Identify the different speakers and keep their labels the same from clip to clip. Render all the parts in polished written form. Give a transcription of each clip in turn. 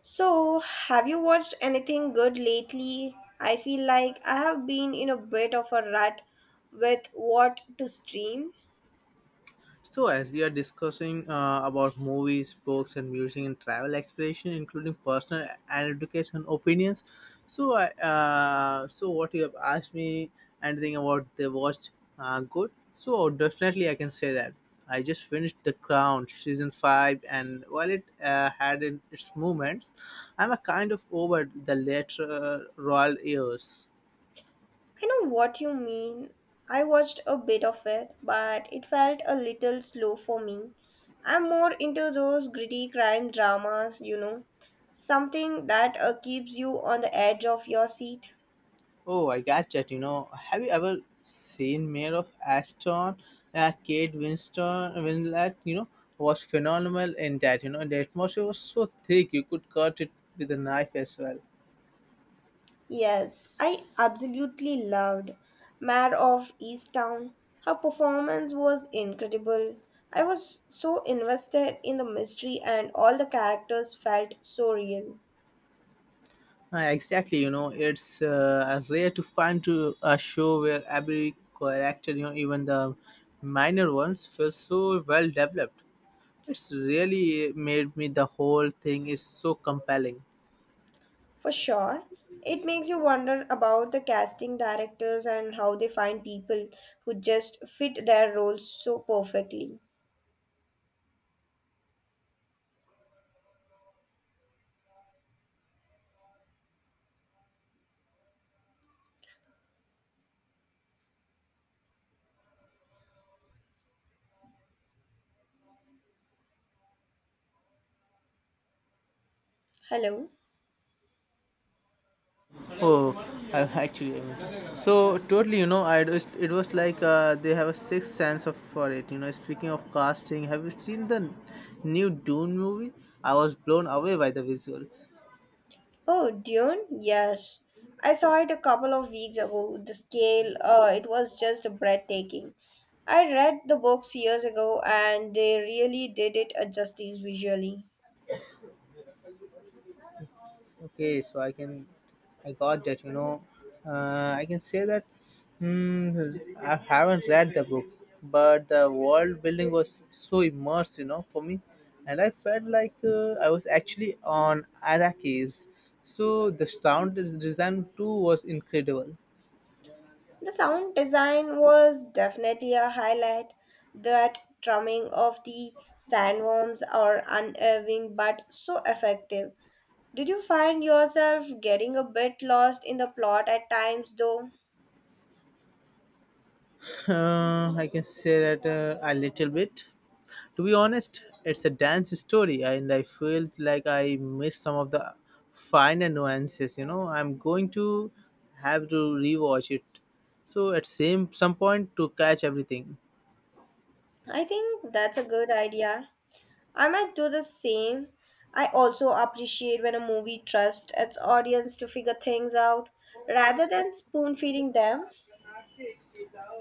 Speaker 1: So, have you watched anything good lately? I feel like I have been in a bit of a rut with what to stream.
Speaker 2: So, as we are discussing about movies, books, and music and travel exploration, including personal and education opinions, so I, what you have asked me, anything about the watched good? So definitely, I can say that I just finished The Crown season five, and while it had in its moments, I'm a kind of over the later royal years.
Speaker 1: I know what you mean. I watched a bit of it, but it felt a little slow for me. I'm more into those gritty crime dramas, you know, something that keeps you on the edge of your seat.
Speaker 2: Oh, I got that. You know, have you ever seen Mayor of Aston? Kate Winlet, was phenomenal in that. You know, the atmosphere was so thick you could cut it with a knife as well.
Speaker 1: Yes, I absolutely loved Mare of Easttown. Her performance was incredible. I was so invested in the mystery, and all the characters felt so real.
Speaker 2: Exactly. You know, it's rare to find to a show where every character, you know, even the minor ones, feels so well developed. It's really made me the whole thing is so compelling.
Speaker 1: For sure, it makes you wonder about the casting directors and how they find people who just fit their roles so perfectly. Hello.
Speaker 2: Oh, Actually, I mean, so totally, you know, it was like they have a sixth sense of for it. You know, speaking of casting, have you seen the new Dune movie? I was blown away by the visuals.
Speaker 1: Oh, Dune? Yes. I saw it a couple of weeks ago. The scale, it was just breathtaking. I read the books years ago and they really did it a justice visually.
Speaker 2: Okay, so I got that. You know, I can say that. Hmm, I haven't read the book, but the world building was so immersed, you know, for me, and I felt like I was actually on Arrakis. So the design too was incredible.
Speaker 1: The sound design was definitely a highlight. That drumming of the sandworms are unnerving but so effective. Did you find yourself getting a bit lost in the plot at times though?
Speaker 2: I can say that a little bit. To be honest, it's a dance story, and I feel like I missed some of the finer nuances. You know, I'm going to have to rewatch it. So at same some point to catch everything.
Speaker 1: I think that's a good idea. I might do the same. I also appreciate when a movie trusts its audience to figure things out rather than spoon feeding them.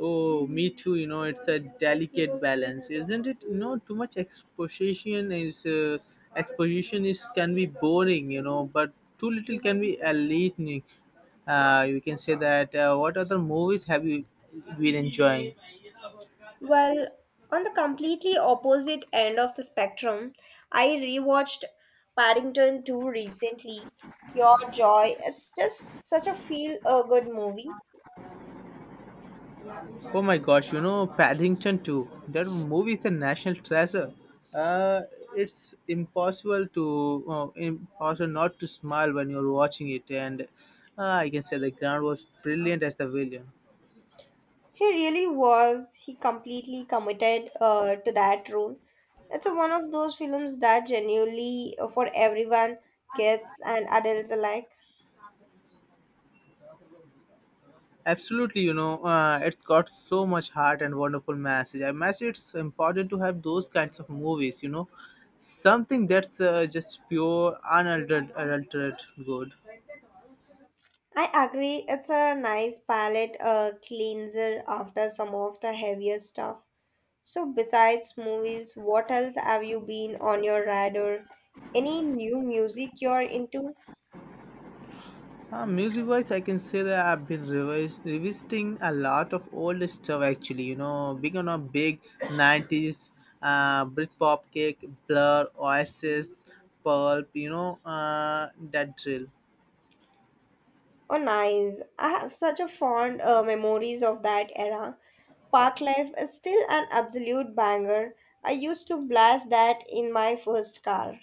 Speaker 2: Oh, me too. You know, it's a delicate balance, isn't it? You know, too much exposition is can be boring. You know, but too little can be alienating. You can say that. What other movies have you been enjoying?
Speaker 1: Well, on the completely opposite end of the spectrum, I rewatched Paddington 2 recently. Your Joy, it's just such a feel a good movie.
Speaker 2: Oh my gosh, you know, Paddington Two. That movie is a national treasure. Uh, it's impossible not to smile when you're watching it, and I can say the ground was brilliant as the villain.
Speaker 1: He really was. He completely committed to that role. It's a, one of those films that genuinely for everyone, kids and adults alike.
Speaker 2: Absolutely, you know, it's got so much heart and wonderful message. I message It's important to have those kinds of movies, you know, something that's just pure, unaltered good.
Speaker 1: I agree. It's a nice palette cleanser after some of the heavier stuff. So, besides movies, what else have you been on your radar? Any new music you're into?
Speaker 2: Music wise, I can say that I've been revisiting a lot of old stuff actually, you know, big on a big 90s, Britpop kick, Blur, Oasis, Pulp, you know, that drill.
Speaker 1: Oh, nice. I have such a fond memories of that era. Park Life is still an absolute banger. I used to blast that in my first car.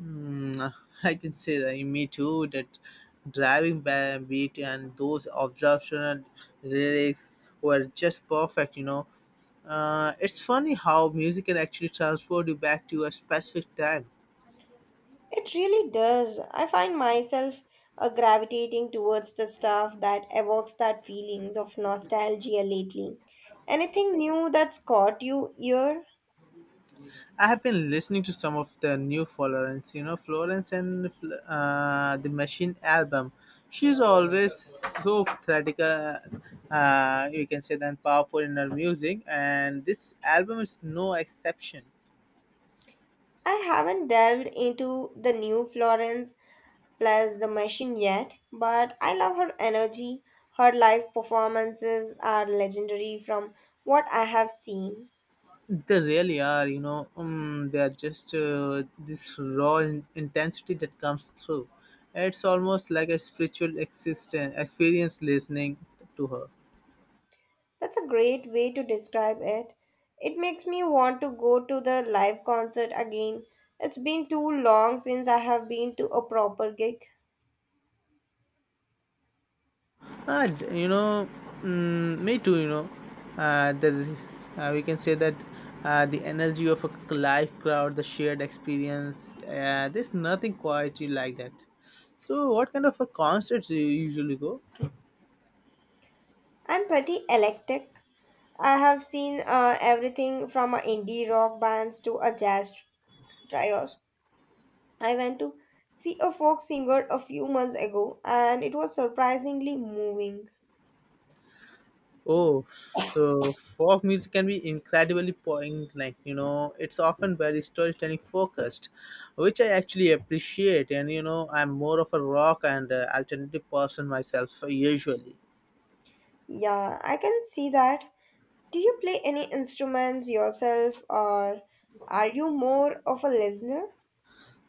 Speaker 2: Mm, I can say that me too. That beat and those observational lyrics were just perfect. You know, it's funny how music can actually transport you back to a specific time.
Speaker 1: It really does. I find myself gravitating towards the stuff that evokes that feelings of nostalgia lately. Anything new that's caught you ear?
Speaker 2: I have been listening to some of the new Florence, you know, Florence and the Machine album. She's always so theatrical, you can say, than powerful in her music, and this album is no exception.
Speaker 1: I haven't delved into the new Florence plus the machine yet, but I love her energy. Her live performances are legendary from what I have seen.
Speaker 2: They really are, you know. They are just this raw intensity that comes through. It's almost like a spiritual existence experience listening to her.
Speaker 1: That's a great way to describe it. It makes me want to go to the live concert again. It's been too long since I have been to a proper gig.
Speaker 2: Uh, you know, Me too. You know, the we can say that the energy of a live crowd, the shared experience. There's nothing quite like that. So, what kind of a concerts do you usually go?
Speaker 1: I'm pretty eclectic. I have seen everything from indie rock bands to a jazz trios. I went to see a folk singer a few months ago and it was surprisingly moving.
Speaker 2: Oh, so folk music can be incredibly poignant. You know, it's often very storytelling focused, which I actually appreciate. And you know, I'm more of a rock and alternative person myself usually.
Speaker 1: Yeah, I can see that. Do you play any instruments yourself or are you more of a listener?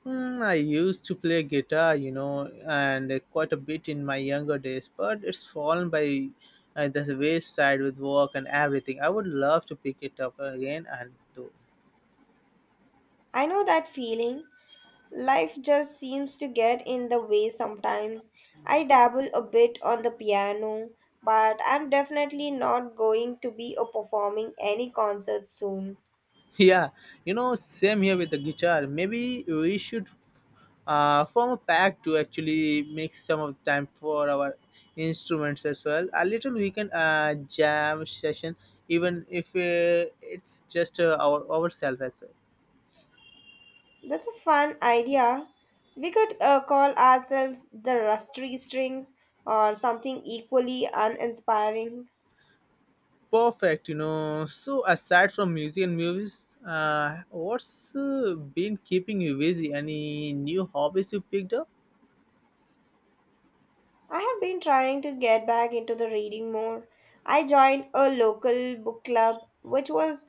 Speaker 2: I used to play guitar, you know, and quite a bit in my younger days, but it's fallen by the wayside with work and everything. I would love to pick it up again and do.
Speaker 1: I know that feeling. Life just seems to get in the way sometimes. I dabble a bit on the piano, but I'm definitely not going to be a performing any concert soon.
Speaker 2: Yeah, you know, same here with the guitar. Maybe we should form a pack to actually make some of time for our instruments as well. A little weekend jam session, even if it's just ourselves as well.
Speaker 1: That's a fun idea. We could call ourselves the Rusty Strings or something equally uninspiring.
Speaker 2: Perfect, you know. So aside from music and movies, what's been keeping you busy? Any new hobbies you picked up?
Speaker 1: I have been trying to get back into the reading more. I joined a local book club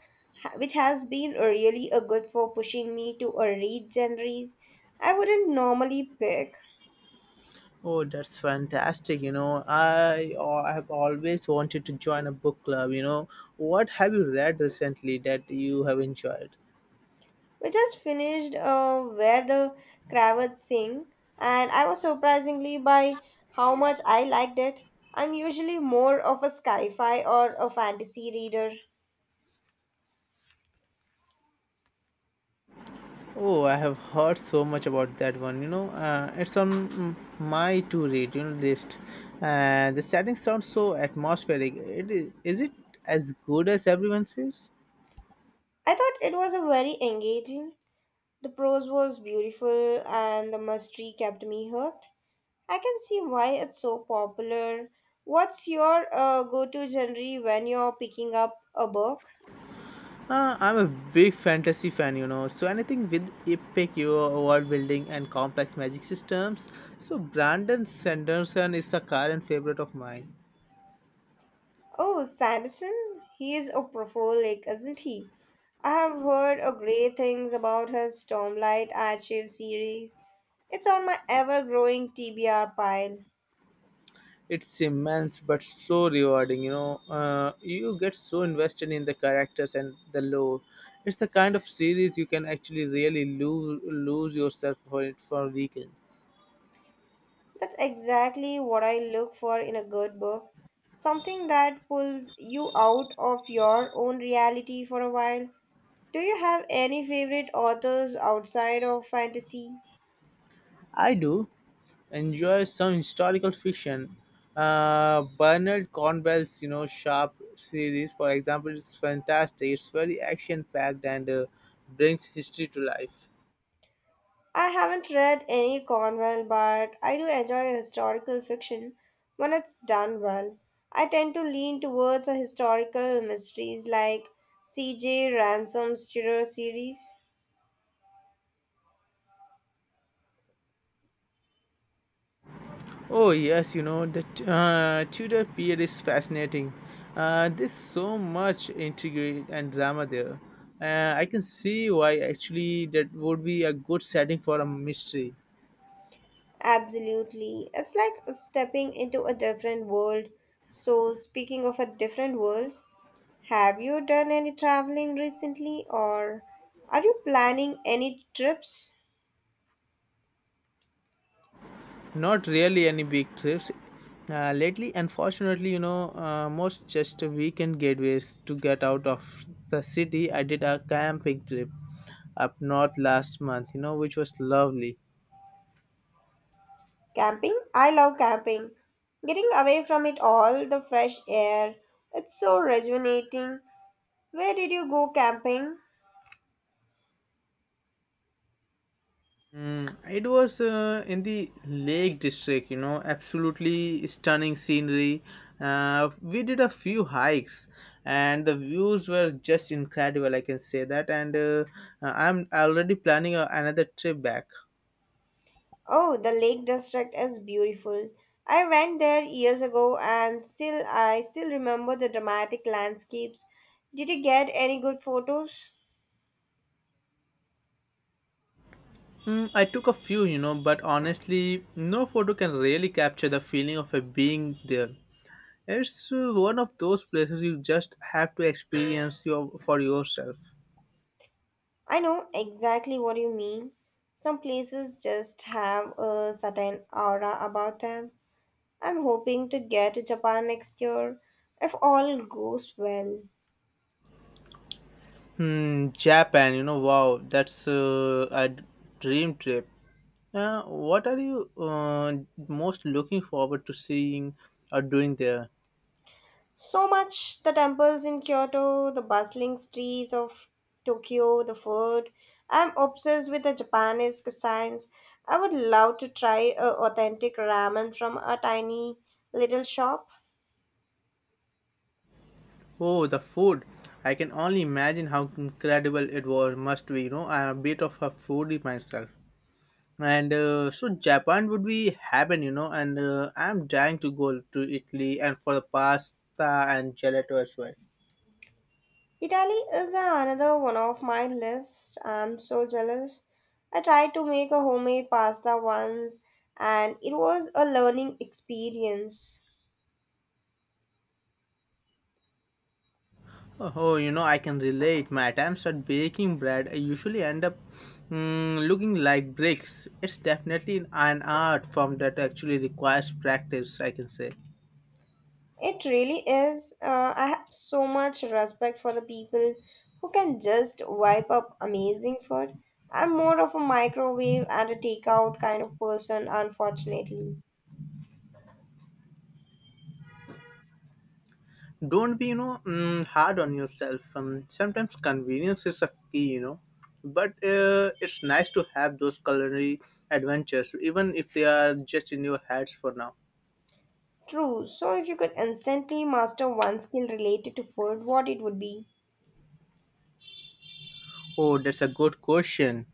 Speaker 1: which has been really a good for pushing me to a read genres I wouldn't normally pick.
Speaker 2: Oh, that's fantastic! You know, I have always wanted to join a book club. You know, what have you read recently that you have enjoyed?
Speaker 1: We just finished Where the Cravats Sing, and I was surprisingly by how much I liked it. I'm usually more of a sci fi or a fantasy reader.
Speaker 2: Oh, I have heard so much about that one. You know, it's on my to read you know list. The setting sounds so atmospheric. Is it as good as everyone says?
Speaker 1: I thought it was a very engaging. The prose was beautiful, and the mystery kept me hooked. I can see why it's so popular. What's your go to genre when you're picking up a book?
Speaker 2: I'm a big fantasy fan, you know. So anything with epic you know, world building and complex magic systems. So Brandon Sanderson is a current favorite of mine.
Speaker 1: Oh, Sanderson, he is a prolific, isn't he? I have heard a great things about his Stormlight Archive series. It's on my ever-growing TBR pile.
Speaker 2: It's immense but so rewarding, you know, you get so invested in the characters and the lore. It's the kind of series you can actually really lose yourself for it for weekends.
Speaker 1: That's exactly what I look for in a good book. Something that pulls you out of your own reality for a while. Do you have any favorite authors outside of fantasy?
Speaker 2: I do enjoy some historical fiction. Bernard Cornwell's, you know, Sharp series, for example, is fantastic. It's very action packed, and brings history to life.
Speaker 1: I haven't read any Cornwell, but I do enjoy historical fiction when it's done well. I tend to lean towards a historical mysteries like C.J. Ransom's Tudor series.
Speaker 2: Oh yes, you know the Tudor period is fascinating. There's so much intrigue and drama there. I can see why actually that would be a good setting for a mystery.
Speaker 1: Absolutely. It's like stepping into a different world. So, speaking of a different worlds, have you done any traveling recently or are you planning any trips?
Speaker 2: Not really any big trips. Lately, unfortunately, you know, most just weekend gateways to get out of the city. I did a camping trip up north last month, you know, which was lovely.
Speaker 1: Camping? I love camping. Getting away from it all, the fresh air, it's so rejuvenating. Where did you go camping?
Speaker 2: Mm, it was in the Lake District, you know, absolutely stunning scenery. We did a few hikes, and the views were just incredible. I can say that, and I'm already planning another trip back.
Speaker 1: Oh, the Lake District is beautiful. I went there years ago and still I still remember the dramatic landscapes. Did you get any good photos?
Speaker 2: Mm, I took a few, you know, but honestly, no photo can really capture the feeling of being there. It's one of those places you just have to experience for yourself.
Speaker 1: I know exactly what you mean. Some places just have a certain aura about them. I'm hoping to get to Japan next year if all goes well.
Speaker 2: Japan, you know, wow, that's a dream trip. What are you most looking forward to seeing or doing there?
Speaker 1: So much the temples in Kyoto, the bustling streets of Tokyo, the food. I'm obsessed with the Japanese cuisines. I would love to try a authentic ramen from a tiny little shop.
Speaker 2: Oh, the food. I can only imagine how must be. You know, I'm a bit of a foodie myself. And so Japan would be heaven, you know, and I'm dying to go to Italy and for the pasta and gelato as well.
Speaker 1: Italy is another one of my list. I'm so jealous. I tried to make a homemade pasta once and it was a learning experience.
Speaker 2: Oh, you know, I can relate. My attempts at baking bread I usually end up looking like bricks. It's definitely an art form that actually requires practice, I can say.
Speaker 1: It really is. I have so much respect for the people who can just wipe up amazing food. I'm more of a microwave and a takeout kind of person, unfortunately.
Speaker 2: Don't be, you know, hard on yourself. Sometimes convenience is a key, you know. But it's nice to have those culinary adventures, even if they are just in your heads for now.
Speaker 1: True. So, if you could instantly master one skill related to food, what it would be?
Speaker 2: Oh, that's a good question.